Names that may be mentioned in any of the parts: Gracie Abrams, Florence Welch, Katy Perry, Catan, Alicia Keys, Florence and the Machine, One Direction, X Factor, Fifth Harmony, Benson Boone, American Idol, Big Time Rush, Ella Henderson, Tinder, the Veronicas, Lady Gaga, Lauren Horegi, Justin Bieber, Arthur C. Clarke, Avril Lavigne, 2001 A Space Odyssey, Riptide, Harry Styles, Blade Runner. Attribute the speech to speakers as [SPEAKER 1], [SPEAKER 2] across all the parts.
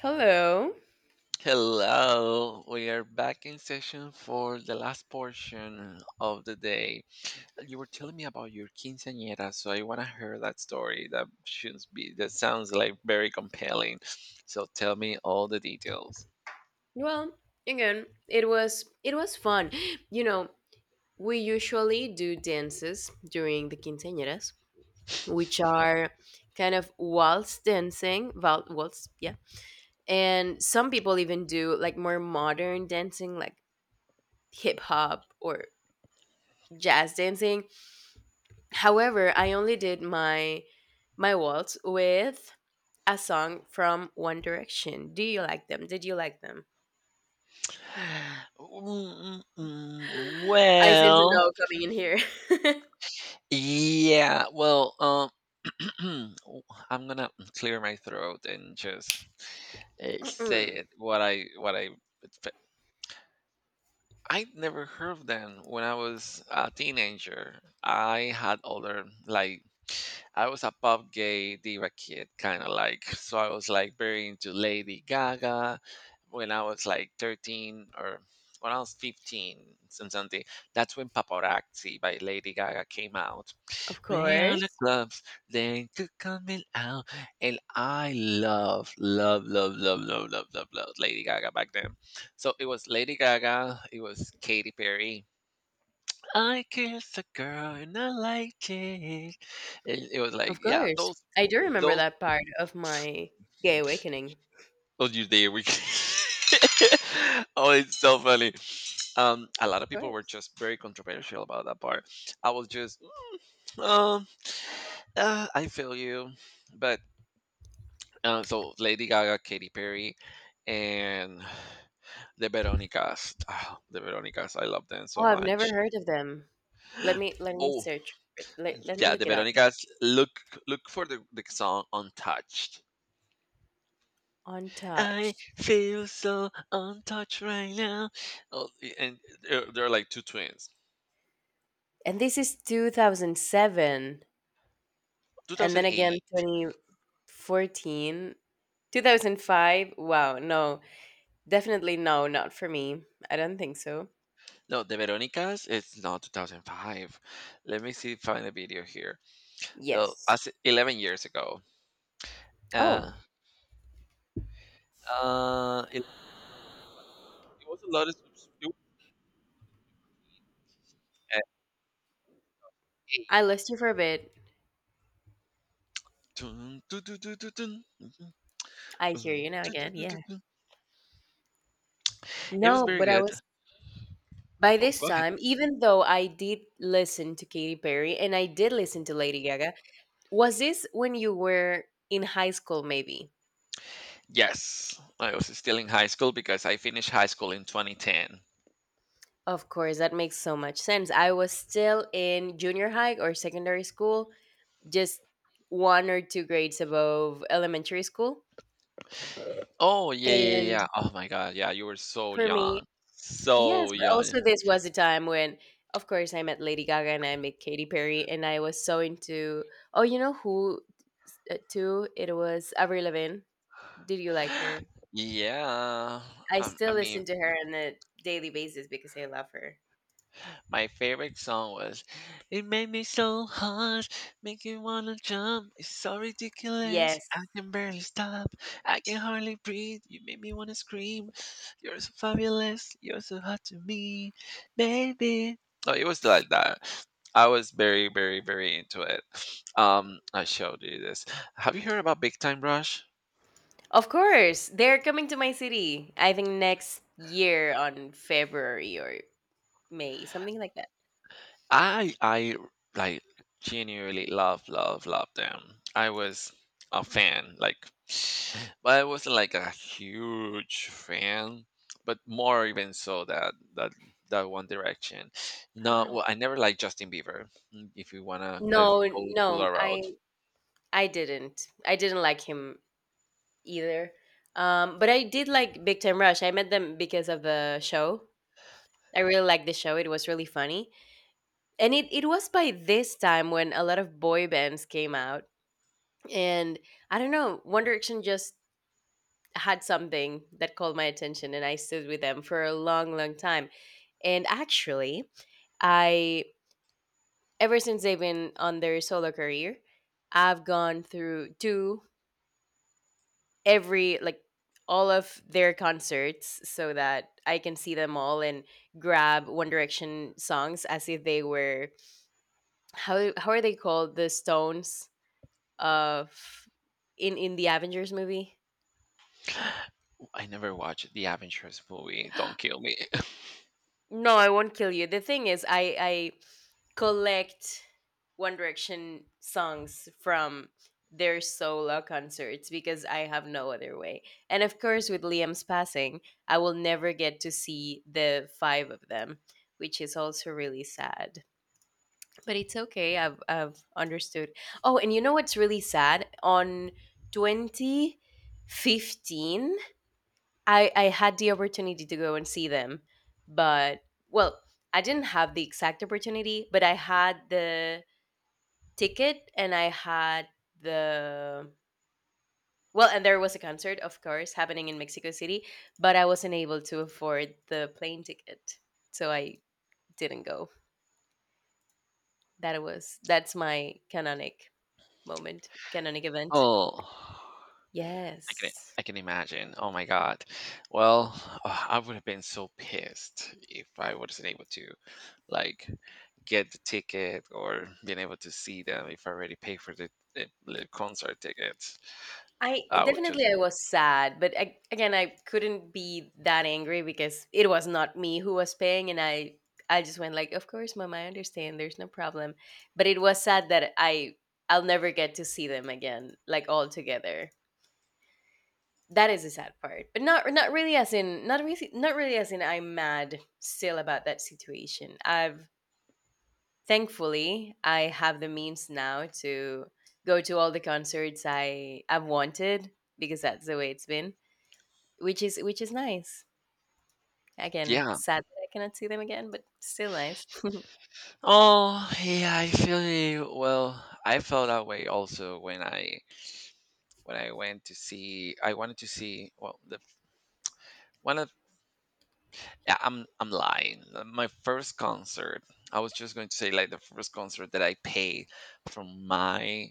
[SPEAKER 1] Hello.
[SPEAKER 2] Hello, we are back in session for the last portion of the day. You were telling me about your quinceañera, so I want to hear that story. That should be that sounds like very compelling. So tell me all the details.
[SPEAKER 1] Well, again, it was fun. You know, we usually do dances during the quinceañeras, which are kind of waltz dancing, waltz, yeah. And some people even do like more modern dancing, like hip hop or jazz dancing. However, I only did my waltz with a song from One Direction. Do you like them? Did you like them?
[SPEAKER 2] Mm, mm, mm.
[SPEAKER 1] I sense a
[SPEAKER 2] Well,
[SPEAKER 1] no coming in here.
[SPEAKER 2] yeah, well, I'm gonna clear my throat and just say
[SPEAKER 1] Mm-mm.
[SPEAKER 2] it what I what I never heard of them when I was a teenager. I had other like I was a pop gay diva kid, kind of like. So I was like very into Lady Gaga when I was like 13 or when I was 15 and something. That's when Paparazzi by Lady Gaga came out.
[SPEAKER 1] Of
[SPEAKER 2] Well, the
[SPEAKER 1] course.
[SPEAKER 2] clubs, thank you coming out. And I love, love, love, love, love, love, love, love Lady Gaga back then. So it was Lady Gaga, it was Katy Perry. I kissed a girl and I liked it. And it was like,
[SPEAKER 1] Of
[SPEAKER 2] yeah,
[SPEAKER 1] course. I do remember
[SPEAKER 2] those,
[SPEAKER 1] that part of my gay awakening. Of
[SPEAKER 2] those you there. We, oh, it's so funny. A lot of people were
[SPEAKER 1] course.
[SPEAKER 2] just very controversial about that part. I was just, I feel you, but So Lady Gaga, Katy Perry, and the Veronicas. Ah, the Veronicas, I love them
[SPEAKER 1] Oh,
[SPEAKER 2] so
[SPEAKER 1] I've never
[SPEAKER 2] much.
[SPEAKER 1] heard of them. Let me
[SPEAKER 2] Oh
[SPEAKER 1] search for it. Let me
[SPEAKER 2] yeah, the
[SPEAKER 1] look it up.
[SPEAKER 2] Veronicas. Look, look for the song "Untouched." I
[SPEAKER 1] Untouched.
[SPEAKER 2] feel so untouched right now. Oh, and they're like two twins.
[SPEAKER 1] And this is 2007, and then again
[SPEAKER 2] 2008.
[SPEAKER 1] 2014, 2005. Wow, no. Definitely no, not for me. I don't think so.
[SPEAKER 2] No, the Veronicas. It's not 2005. Let me see. Find a video here. Oh,
[SPEAKER 1] Yes.
[SPEAKER 2] as- 11 years ago.
[SPEAKER 1] Oh,
[SPEAKER 2] Uh, Uh, it It was a lot of substitute at eight.
[SPEAKER 1] I lost you for a bit.
[SPEAKER 2] Dun, dun, dun, dun, dun, dun, dun,
[SPEAKER 1] I hear
[SPEAKER 2] dun,
[SPEAKER 1] you now
[SPEAKER 2] dun, dun,
[SPEAKER 1] again.
[SPEAKER 2] dun, dun,
[SPEAKER 1] Yeah.
[SPEAKER 2] dun. It was
[SPEAKER 1] No,
[SPEAKER 2] very
[SPEAKER 1] but I
[SPEAKER 2] good.
[SPEAKER 1] was, by
[SPEAKER 2] Oh,
[SPEAKER 1] this
[SPEAKER 2] go ahead.
[SPEAKER 1] time, even though I did listen to Katy Perry and I did listen to Lady Gaga, was this when you were in high school maybe?
[SPEAKER 2] Yes, I was still in high school because I finished high school in 2010.
[SPEAKER 1] Of course, that makes so much sense. I was still in junior high or secondary school, just one or two grades above elementary school.
[SPEAKER 2] Oh yeah, yeah, yeah,
[SPEAKER 1] And
[SPEAKER 2] yeah. Oh my God, yeah. You were so
[SPEAKER 1] for
[SPEAKER 2] young,
[SPEAKER 1] me,
[SPEAKER 2] so
[SPEAKER 1] yes, but also
[SPEAKER 2] young.
[SPEAKER 1] this was a time when of course I met Lady Gaga and I met Katy Perry and I was so into... Oh, you know who, two, it was Avril Lavigne. Did you like her?
[SPEAKER 2] Yeah.
[SPEAKER 1] I
[SPEAKER 2] I
[SPEAKER 1] still
[SPEAKER 2] mean,
[SPEAKER 1] listen to her on a daily basis because I love her.
[SPEAKER 2] my favorite song was it made me so hot, make you wanna jump. It's so ridiculous,
[SPEAKER 1] Yes.
[SPEAKER 2] I can barely stop. I can hardly breathe, you make me wanna scream. You're so fabulous, you're so hot to me, baby. Oh, it was like that. I was very, very, very into it. I showed you this. Have you heard about Big Time Rush?
[SPEAKER 1] Of course. They're coming to my city. I think next year on February or May, something like that.
[SPEAKER 2] I like genuinely love love love them. I was a fan, like, but I wasn't like a huge fan, but more even so that that One Direction. No, well, I never liked Justin Bieber. If you wanna I
[SPEAKER 1] No,
[SPEAKER 2] go to
[SPEAKER 1] no,
[SPEAKER 2] the
[SPEAKER 1] I
[SPEAKER 2] route,
[SPEAKER 1] I didn't. I didn't like him either. But I did like Big Time Rush. I met them because of the show. I really liked the show. It was really funny. And it was by this time when a lot of boy bands came out. And I don't know, One Direction just had something that called my attention and I stood with them for a long, long time. And actually, I, ever since they've been on their solo career, I've gone through to every, like, all of their concerts so that I can see them all and grab One Direction songs as if they were... how are they called? The stones of in the Avengers movie?
[SPEAKER 2] I never watched the Avengers movie. Don't kill me.
[SPEAKER 1] No, I won't kill you. The thing is, I collect One Direction songs from their solo concerts because I have no other way. And of course, with Liam's passing, I will never get to see the five of them, which is also really sad. But it's okay. I've understood. Oh, and you know what's really sad? On 2015, I had the opportunity to go and see them, but well, I didn't have the exact opportunity, but I had the ticket and I had the... well, and there was a concert, of course, happening in Mexico City, but I wasn't able to afford the plane ticket, so I didn't go. That's my canonic moment, canonic event.
[SPEAKER 2] Oh. I can
[SPEAKER 1] Yes.
[SPEAKER 2] I can imagine. Oh my god. Well, I would have been so pissed if I wasn't able to like get the ticket or being able to see them if I already paid for the concert tickets.
[SPEAKER 1] I
[SPEAKER 2] I would just
[SPEAKER 1] definitely, I was sad, but I, again, I couldn't be that angry because it was not me who was paying, and I just went like, of course, mom, I understand. There's no problem, but it was sad that I I'll never get to see them again, like all together. That is a sad part, but not not really as in not really not really as in I'm mad still about that situation. I've thankfully I have the means now to go to all the concerts I've wanted because that's the way it's been, which is nice. Again,
[SPEAKER 2] yeah.
[SPEAKER 1] sad that I cannot see them again, but still nice.
[SPEAKER 2] Oh yeah, I feel you. Well, I felt that way also when I went to see I wanted to see well the one of yeah, I'm lying. My first concert, I was just going to say like the first concert that I paid from my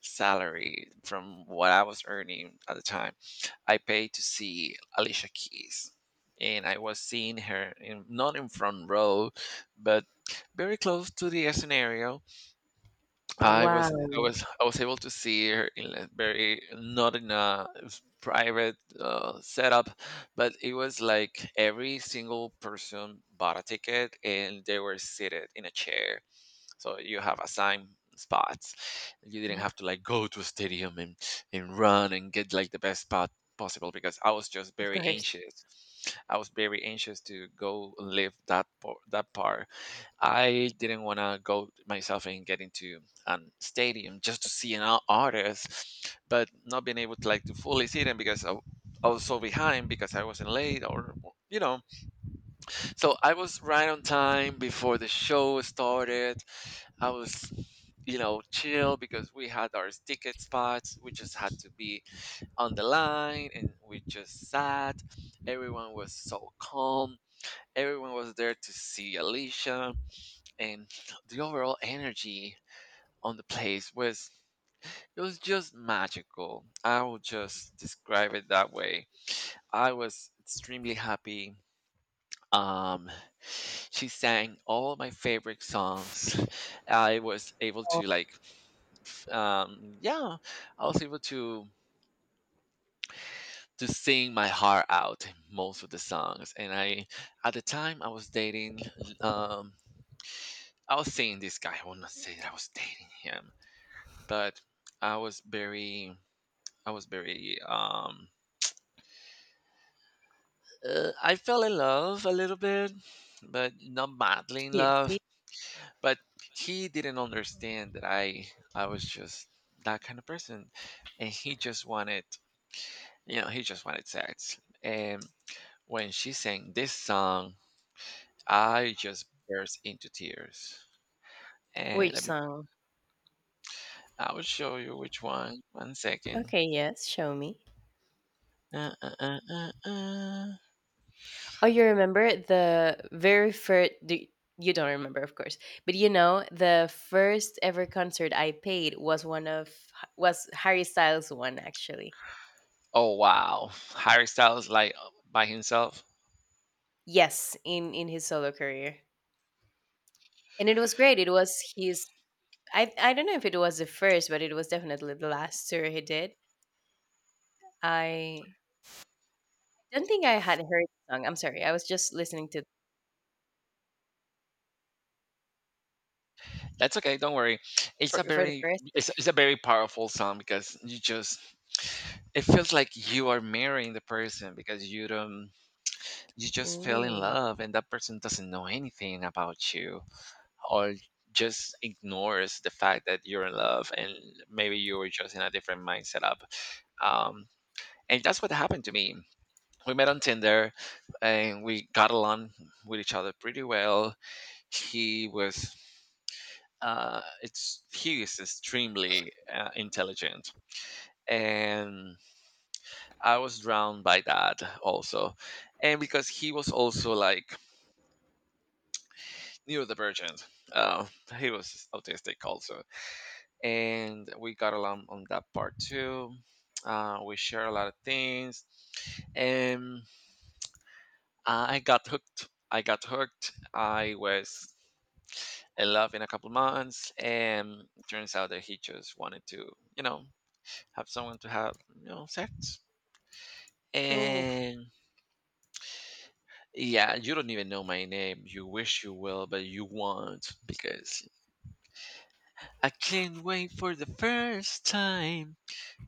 [SPEAKER 2] salary, from what I was earning at the time, I paid to see Alicia Keys. And I was seeing her in, not in front row, but very close to the scenario I was I
[SPEAKER 1] Wow.
[SPEAKER 2] was I was able to see her in a very not in a private setup, but it was like every single person bought a ticket and they were seated in a chair. So you have assigned spots. You didn't
[SPEAKER 1] Yeah,
[SPEAKER 2] have to like go to a stadium and run and get like the best spot possible because I was just
[SPEAKER 1] of
[SPEAKER 2] very
[SPEAKER 1] course.
[SPEAKER 2] anxious. I was very anxious to go live that that part. I didn't want to go myself and get into a stadium just to see an artist, but not being able to like to fully see them because I was so behind because I wasn't late or you know. So I was right on time before the show started. I was you know chill because we had our ticket spots. We just had to be on the line and we just sat. Everyone was so calm. Everyone was there to see Alicia, and the overall energy on the place was it was just magical. I will just describe it that way. I was extremely happy. Um She sang all my favorite songs. I was able to like yeah, I was able to sing my heart out most of the songs, and I at the time I was dating. um I was seeing this guy. I will not say that I was dating him, but I was very I was very I fell in love a little bit, but not madly in
[SPEAKER 1] Cute. See?
[SPEAKER 2] love. But he didn't understand that I was just that kind of person, and he just wanted you know he just wanted sex. And when she sang this song, I just burst into tears. And
[SPEAKER 1] Which
[SPEAKER 2] let me
[SPEAKER 1] song?
[SPEAKER 2] I will show you which one. One second.
[SPEAKER 1] Okay, yes, show me.
[SPEAKER 2] Uh, uh, uh, uh, uh.
[SPEAKER 1] Oh, you remember the very first. You don't remember, of course, but you know the first ever concert I paid was one of was Harry Styles one actually.
[SPEAKER 2] Oh wow, Harry Styles like by himself.
[SPEAKER 1] Yes, in his solo career, and it was great. It was his. I don't know if it was the first, but it was definitely the last tour he did. I don't think I had heard the song. I'm sorry. I was just listening to
[SPEAKER 2] That's okay. Don't worry. It's a
[SPEAKER 1] for the
[SPEAKER 2] very
[SPEAKER 1] chorus.
[SPEAKER 2] it's a very powerful song because you just it feels like you are marrying the person because you don't you just fell in
[SPEAKER 1] Ooh.
[SPEAKER 2] love and that person doesn't know anything about you or just ignores the fact that you're in love and maybe you were just in a different mindset up. Um, and that's what happened to me. We met on Tinder and we got along with each other pretty well. He was it's he is extremely intelligent, and I was drawn by that also, and because he was also like neurodivergent, uh, he was autistic also, and we got along on that part too. We share a lot of things, and I got hooked I was in love in a couple months, and turns out that he just wanted to you know have someone to have you know sex.
[SPEAKER 1] Ooh.
[SPEAKER 2] And yeah you don't even know my name, you wish you will but you won't, because I can't wait for the first time,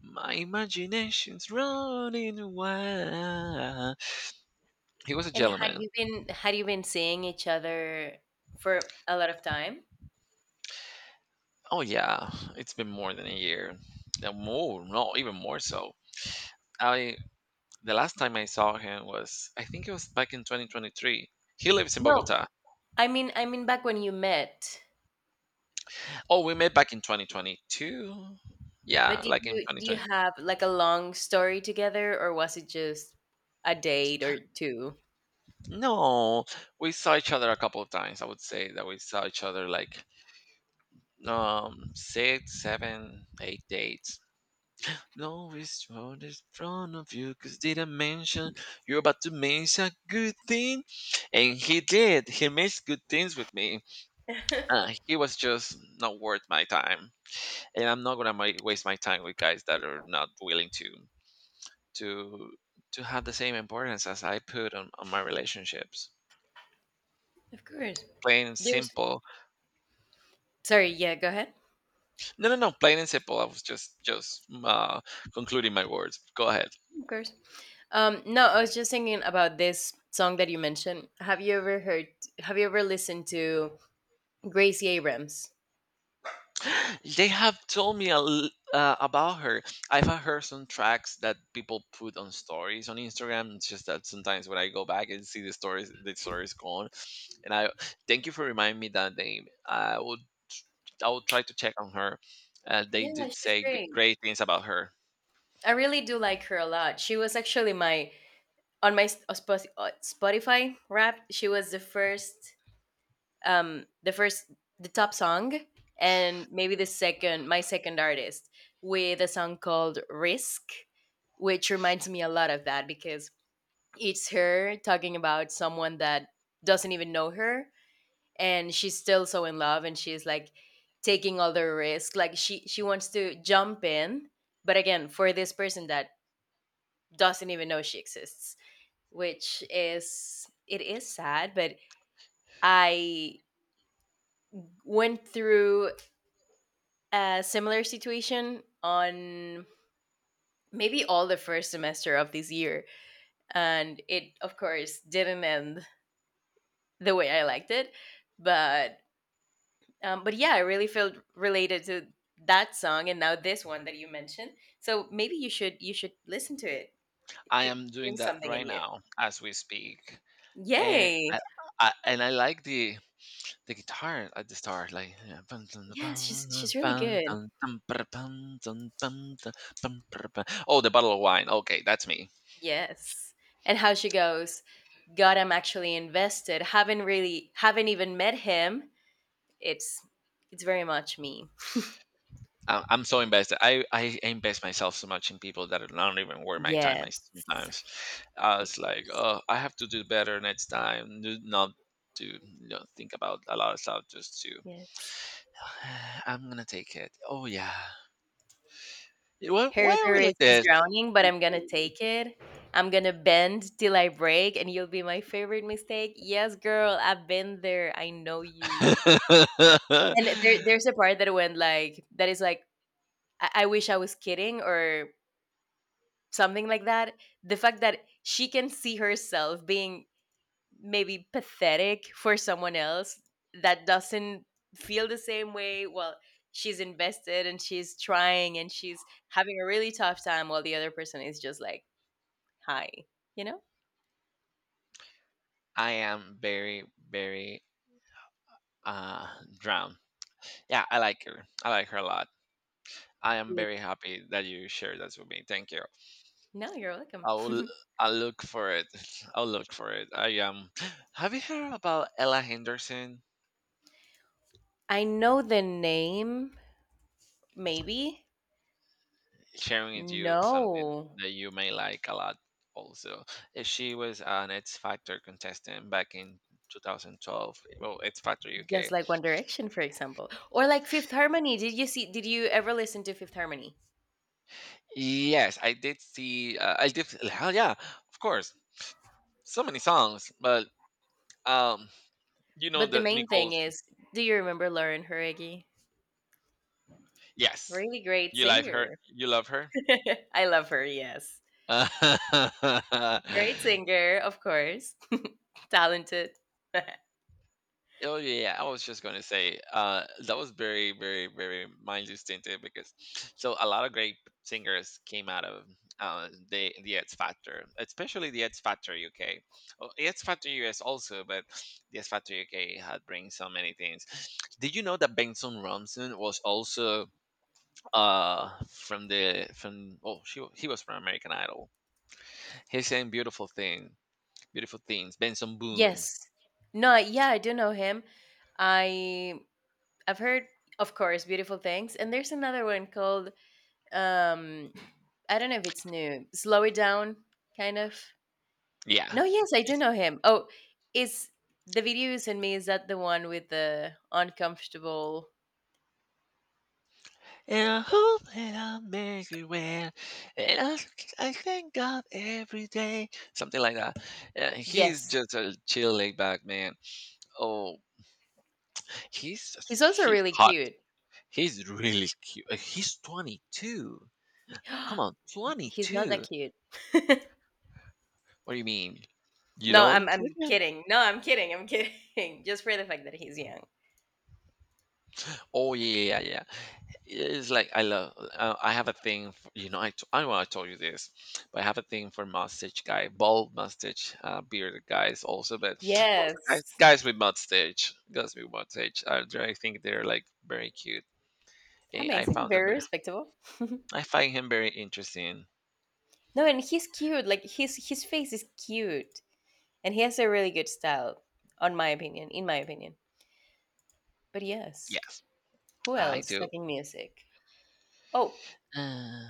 [SPEAKER 2] my imagination's running wild. He was a
[SPEAKER 1] And had
[SPEAKER 2] gentleman.
[SPEAKER 1] you been had you been seeing each other for a lot of time?
[SPEAKER 2] Oh yeah, it's been more than a year. More no even more so I the last time I saw him was I think it was back in 2023. He lives in
[SPEAKER 1] No.
[SPEAKER 2] Bogota.
[SPEAKER 1] I mean back when you met.
[SPEAKER 2] Oh, we met back in 2022.
[SPEAKER 1] But
[SPEAKER 2] Yeah,
[SPEAKER 1] did
[SPEAKER 2] like in
[SPEAKER 1] you did you
[SPEAKER 2] 2020.
[SPEAKER 1] have like a long story together or was it just a date or two?
[SPEAKER 2] No, we saw each other a couple of times. I would say that we saw each other like six, seven, eight dates. No, it's on in front of you because didn't mention you're about to mention a good thing. And he did. He missed good things with me. He was just not worth my time. And I'm not going to waste my time with guys that are not willing to to to have the same importance as I put on my relationships.
[SPEAKER 1] Of course.
[SPEAKER 2] Plain and
[SPEAKER 1] There's...
[SPEAKER 2] simple.
[SPEAKER 1] sorry, yeah, go ahead.
[SPEAKER 2] No, no, no. Plain and simple. I was just concluding my words. Go ahead.
[SPEAKER 1] Of course. Um, no, I was just thinking about this song that you mentioned. Have you ever listened to Gracie Abrams?
[SPEAKER 2] They have told me a l about her. I've had her some tracks that people put on stories on Instagram. It's just that sometimes when I go back and see the stories gone. And I thank you for reminding me that name. I will try to check on her. They
[SPEAKER 1] Yeah,
[SPEAKER 2] did say
[SPEAKER 1] she's great.
[SPEAKER 2] great things about her.
[SPEAKER 1] I really do like her a lot. She was actually my... on my Spotify rap. She was the first, the first, the top song, and maybe the second, my second artist with a song called "Risk," which reminds me a lot of that because it's her talking about someone that doesn't even know her and she's still so in love and she's like taking all the risk, like she wants to jump in but again for this person that doesn't even know she exists, which is... it is sad but I went through a similar situation on maybe all the first semester of this year and it of course didn't end the way I liked it, but... um, but yeah, I really felt related to that song and now this one that you mentioned. So maybe you should listen to it. It
[SPEAKER 2] I
[SPEAKER 1] could
[SPEAKER 2] am doing
[SPEAKER 1] bring
[SPEAKER 2] that
[SPEAKER 1] something in
[SPEAKER 2] right
[SPEAKER 1] you.
[SPEAKER 2] now as we speak, and
[SPEAKER 1] Yay!
[SPEAKER 2] I, and I like the guitar at the start, like yeah, bun, dun,
[SPEAKER 1] Yes, she's
[SPEAKER 2] dun,
[SPEAKER 1] really
[SPEAKER 2] bun, dun, bun,
[SPEAKER 1] good.
[SPEAKER 2] dun, dun, brr, bun, dun, bun, dun, bun, brr, bun. Oh, the bottle of wine. Okay, that's me.
[SPEAKER 1] Yes. And how she goes, God, I'm actually invested. Haven't really haven't even met him. It's it's very much me.
[SPEAKER 2] I'm so invested. I invest myself so much in people that are not even worth my time. I
[SPEAKER 1] Yes,
[SPEAKER 2] sometimes I
[SPEAKER 1] of
[SPEAKER 2] was like,
[SPEAKER 1] course.
[SPEAKER 2] oh, I have to do better next time. Do not to you know, think about a lot of stuff. Just to
[SPEAKER 1] Yes.
[SPEAKER 2] I'm gonna take it. Oh yeah, yeah, Why,
[SPEAKER 1] Here
[SPEAKER 2] why are
[SPEAKER 1] the
[SPEAKER 2] we like
[SPEAKER 1] risk is
[SPEAKER 2] this?
[SPEAKER 1] drowning, but I'm gonna take it. I'm gonna bend till I break, and you'll be my favorite mistake. Yes, girl, I've been there. I know you. And there, there's a part that went like that is like I wish I was kidding or something like that. The fact that she can see herself being maybe pathetic for someone else that doesn't feel the same way. Well, she's invested and she's trying and she's having a really tough time, while the other person is just like hi, you know?
[SPEAKER 2] I am very, very uh drowned. Yeah, I like her. I like her a lot. I am
[SPEAKER 1] Yes.
[SPEAKER 2] very happy that you shared that with me. Thank you.
[SPEAKER 1] No, you're welcome.
[SPEAKER 2] I'll I'll look for it. I'll look for it. I have you heard about Ella Henderson?
[SPEAKER 1] I know the name, maybe.
[SPEAKER 2] Sharing with you something
[SPEAKER 1] No,
[SPEAKER 2] that you may like a lot also. She was an X Factor contestant back in 2012. Well, X Factor
[SPEAKER 1] just
[SPEAKER 2] UK.
[SPEAKER 1] like One Direction, for example, or like Fifth Harmony. Did you see? Did you ever listen to Fifth Harmony?
[SPEAKER 2] Yes, I did see. I did. Hell yeah, of course. So many songs, but um, you know
[SPEAKER 1] But the
[SPEAKER 2] that
[SPEAKER 1] main thing
[SPEAKER 2] Nicole's.
[SPEAKER 1] is, do you remember Lauren Horegi?
[SPEAKER 2] Yes,
[SPEAKER 1] Really great
[SPEAKER 2] you like her.
[SPEAKER 1] singer.
[SPEAKER 2] You love her.
[SPEAKER 1] I love her. Yes, great singer, of course, talented.
[SPEAKER 2] Oh yeah, I was just gonna say that was very, very, very mind distinctive because so a lot of great singers came out of the X Factor, especially the X Factor UK. Oh, X Factor US also, but the X Factor UK had bring so many things. Did you know that Benson Robinson was also from the from? Oh, he was from American Idol. He sang "Beautiful Thing," "Beautiful Things." Benson Boone.
[SPEAKER 1] Yes. No, yeah, I do know him. I I've heard, of course, beautiful things, and there's another one called, um, I don't know if it's new. Slow it down, kind of.
[SPEAKER 2] Yeah,
[SPEAKER 1] No, yes, I do know him. Oh, is... the video you sent me, is that the one with the uncomfortable?
[SPEAKER 2] and I hope that I'll make it well. And I, I thank God every day. Something like that. He's
[SPEAKER 1] Yes,
[SPEAKER 2] just a chill laid back man. Oh,
[SPEAKER 1] he's also
[SPEAKER 2] he's
[SPEAKER 1] really
[SPEAKER 2] hot.
[SPEAKER 1] cute.
[SPEAKER 2] He's really cute. He's 22. Come on,
[SPEAKER 1] He's not that
[SPEAKER 2] 22.
[SPEAKER 1] cute.
[SPEAKER 2] What do you mean? You
[SPEAKER 1] No, I'm
[SPEAKER 2] don't?
[SPEAKER 1] I'm kidding. No, I'm kidding. I'm kidding. Just for the fact that he's young.
[SPEAKER 2] Oh yeah, yeah, yeah, yeah. It's like I love. I have a thing. For, you know, I know I told you this, but I have a thing for mustache guy, bald mustache, bearded guys also, but also guys
[SPEAKER 1] Yes.
[SPEAKER 2] guys with mustache, guys with mustache. I think they're like very cute. Eh, I
[SPEAKER 1] Amazing.
[SPEAKER 2] found a
[SPEAKER 1] Very
[SPEAKER 2] bit.
[SPEAKER 1] respectable. No,
[SPEAKER 2] I find him very interesting.
[SPEAKER 1] and he's cute. Like his face is cute. And he has a really good style, in my opinion. But yes,
[SPEAKER 2] Yes,
[SPEAKER 1] who
[SPEAKER 2] I
[SPEAKER 1] else?
[SPEAKER 2] do.
[SPEAKER 1] Talking music? Oh,
[SPEAKER 2] Uh,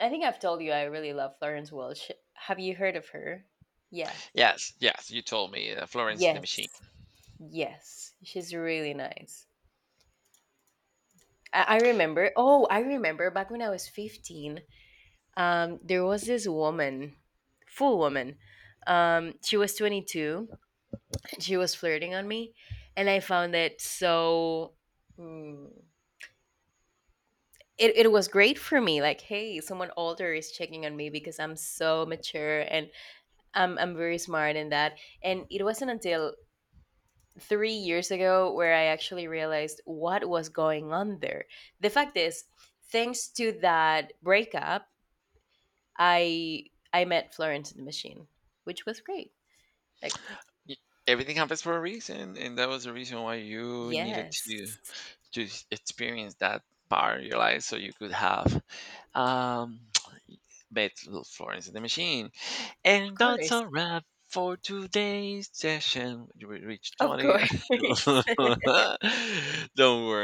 [SPEAKER 1] I think I've told you I really love Florence Welch. Have you heard of her? Yeah.
[SPEAKER 2] yes, yes. You told me Florence and the
[SPEAKER 1] Yes,
[SPEAKER 2] Machine.
[SPEAKER 1] yes. She's really nice. I remember, oh, I remember back when I was 15, there was this woman, full woman. She was 22 and she was flirting on me. And I found it so... mm, it was great for me like hey someone older is checking on me because I'm so mature and I'm very smart in that, and it wasn't until 3 years ago where I actually realized what was going on there. The fact is, thanks to that breakup, i I met Florence and the Machine, which was great, like,
[SPEAKER 2] Y- Everything happens for a reason, and that was the reason why you needed
[SPEAKER 1] yes,
[SPEAKER 2] to.
[SPEAKER 1] of
[SPEAKER 2] To experience that part of your life so you could have um bet Florence and the Machine. And that's
[SPEAKER 1] course,
[SPEAKER 2] a wrap for today's session. We reached
[SPEAKER 1] of
[SPEAKER 2] 20.
[SPEAKER 1] course.
[SPEAKER 2] Don't worry.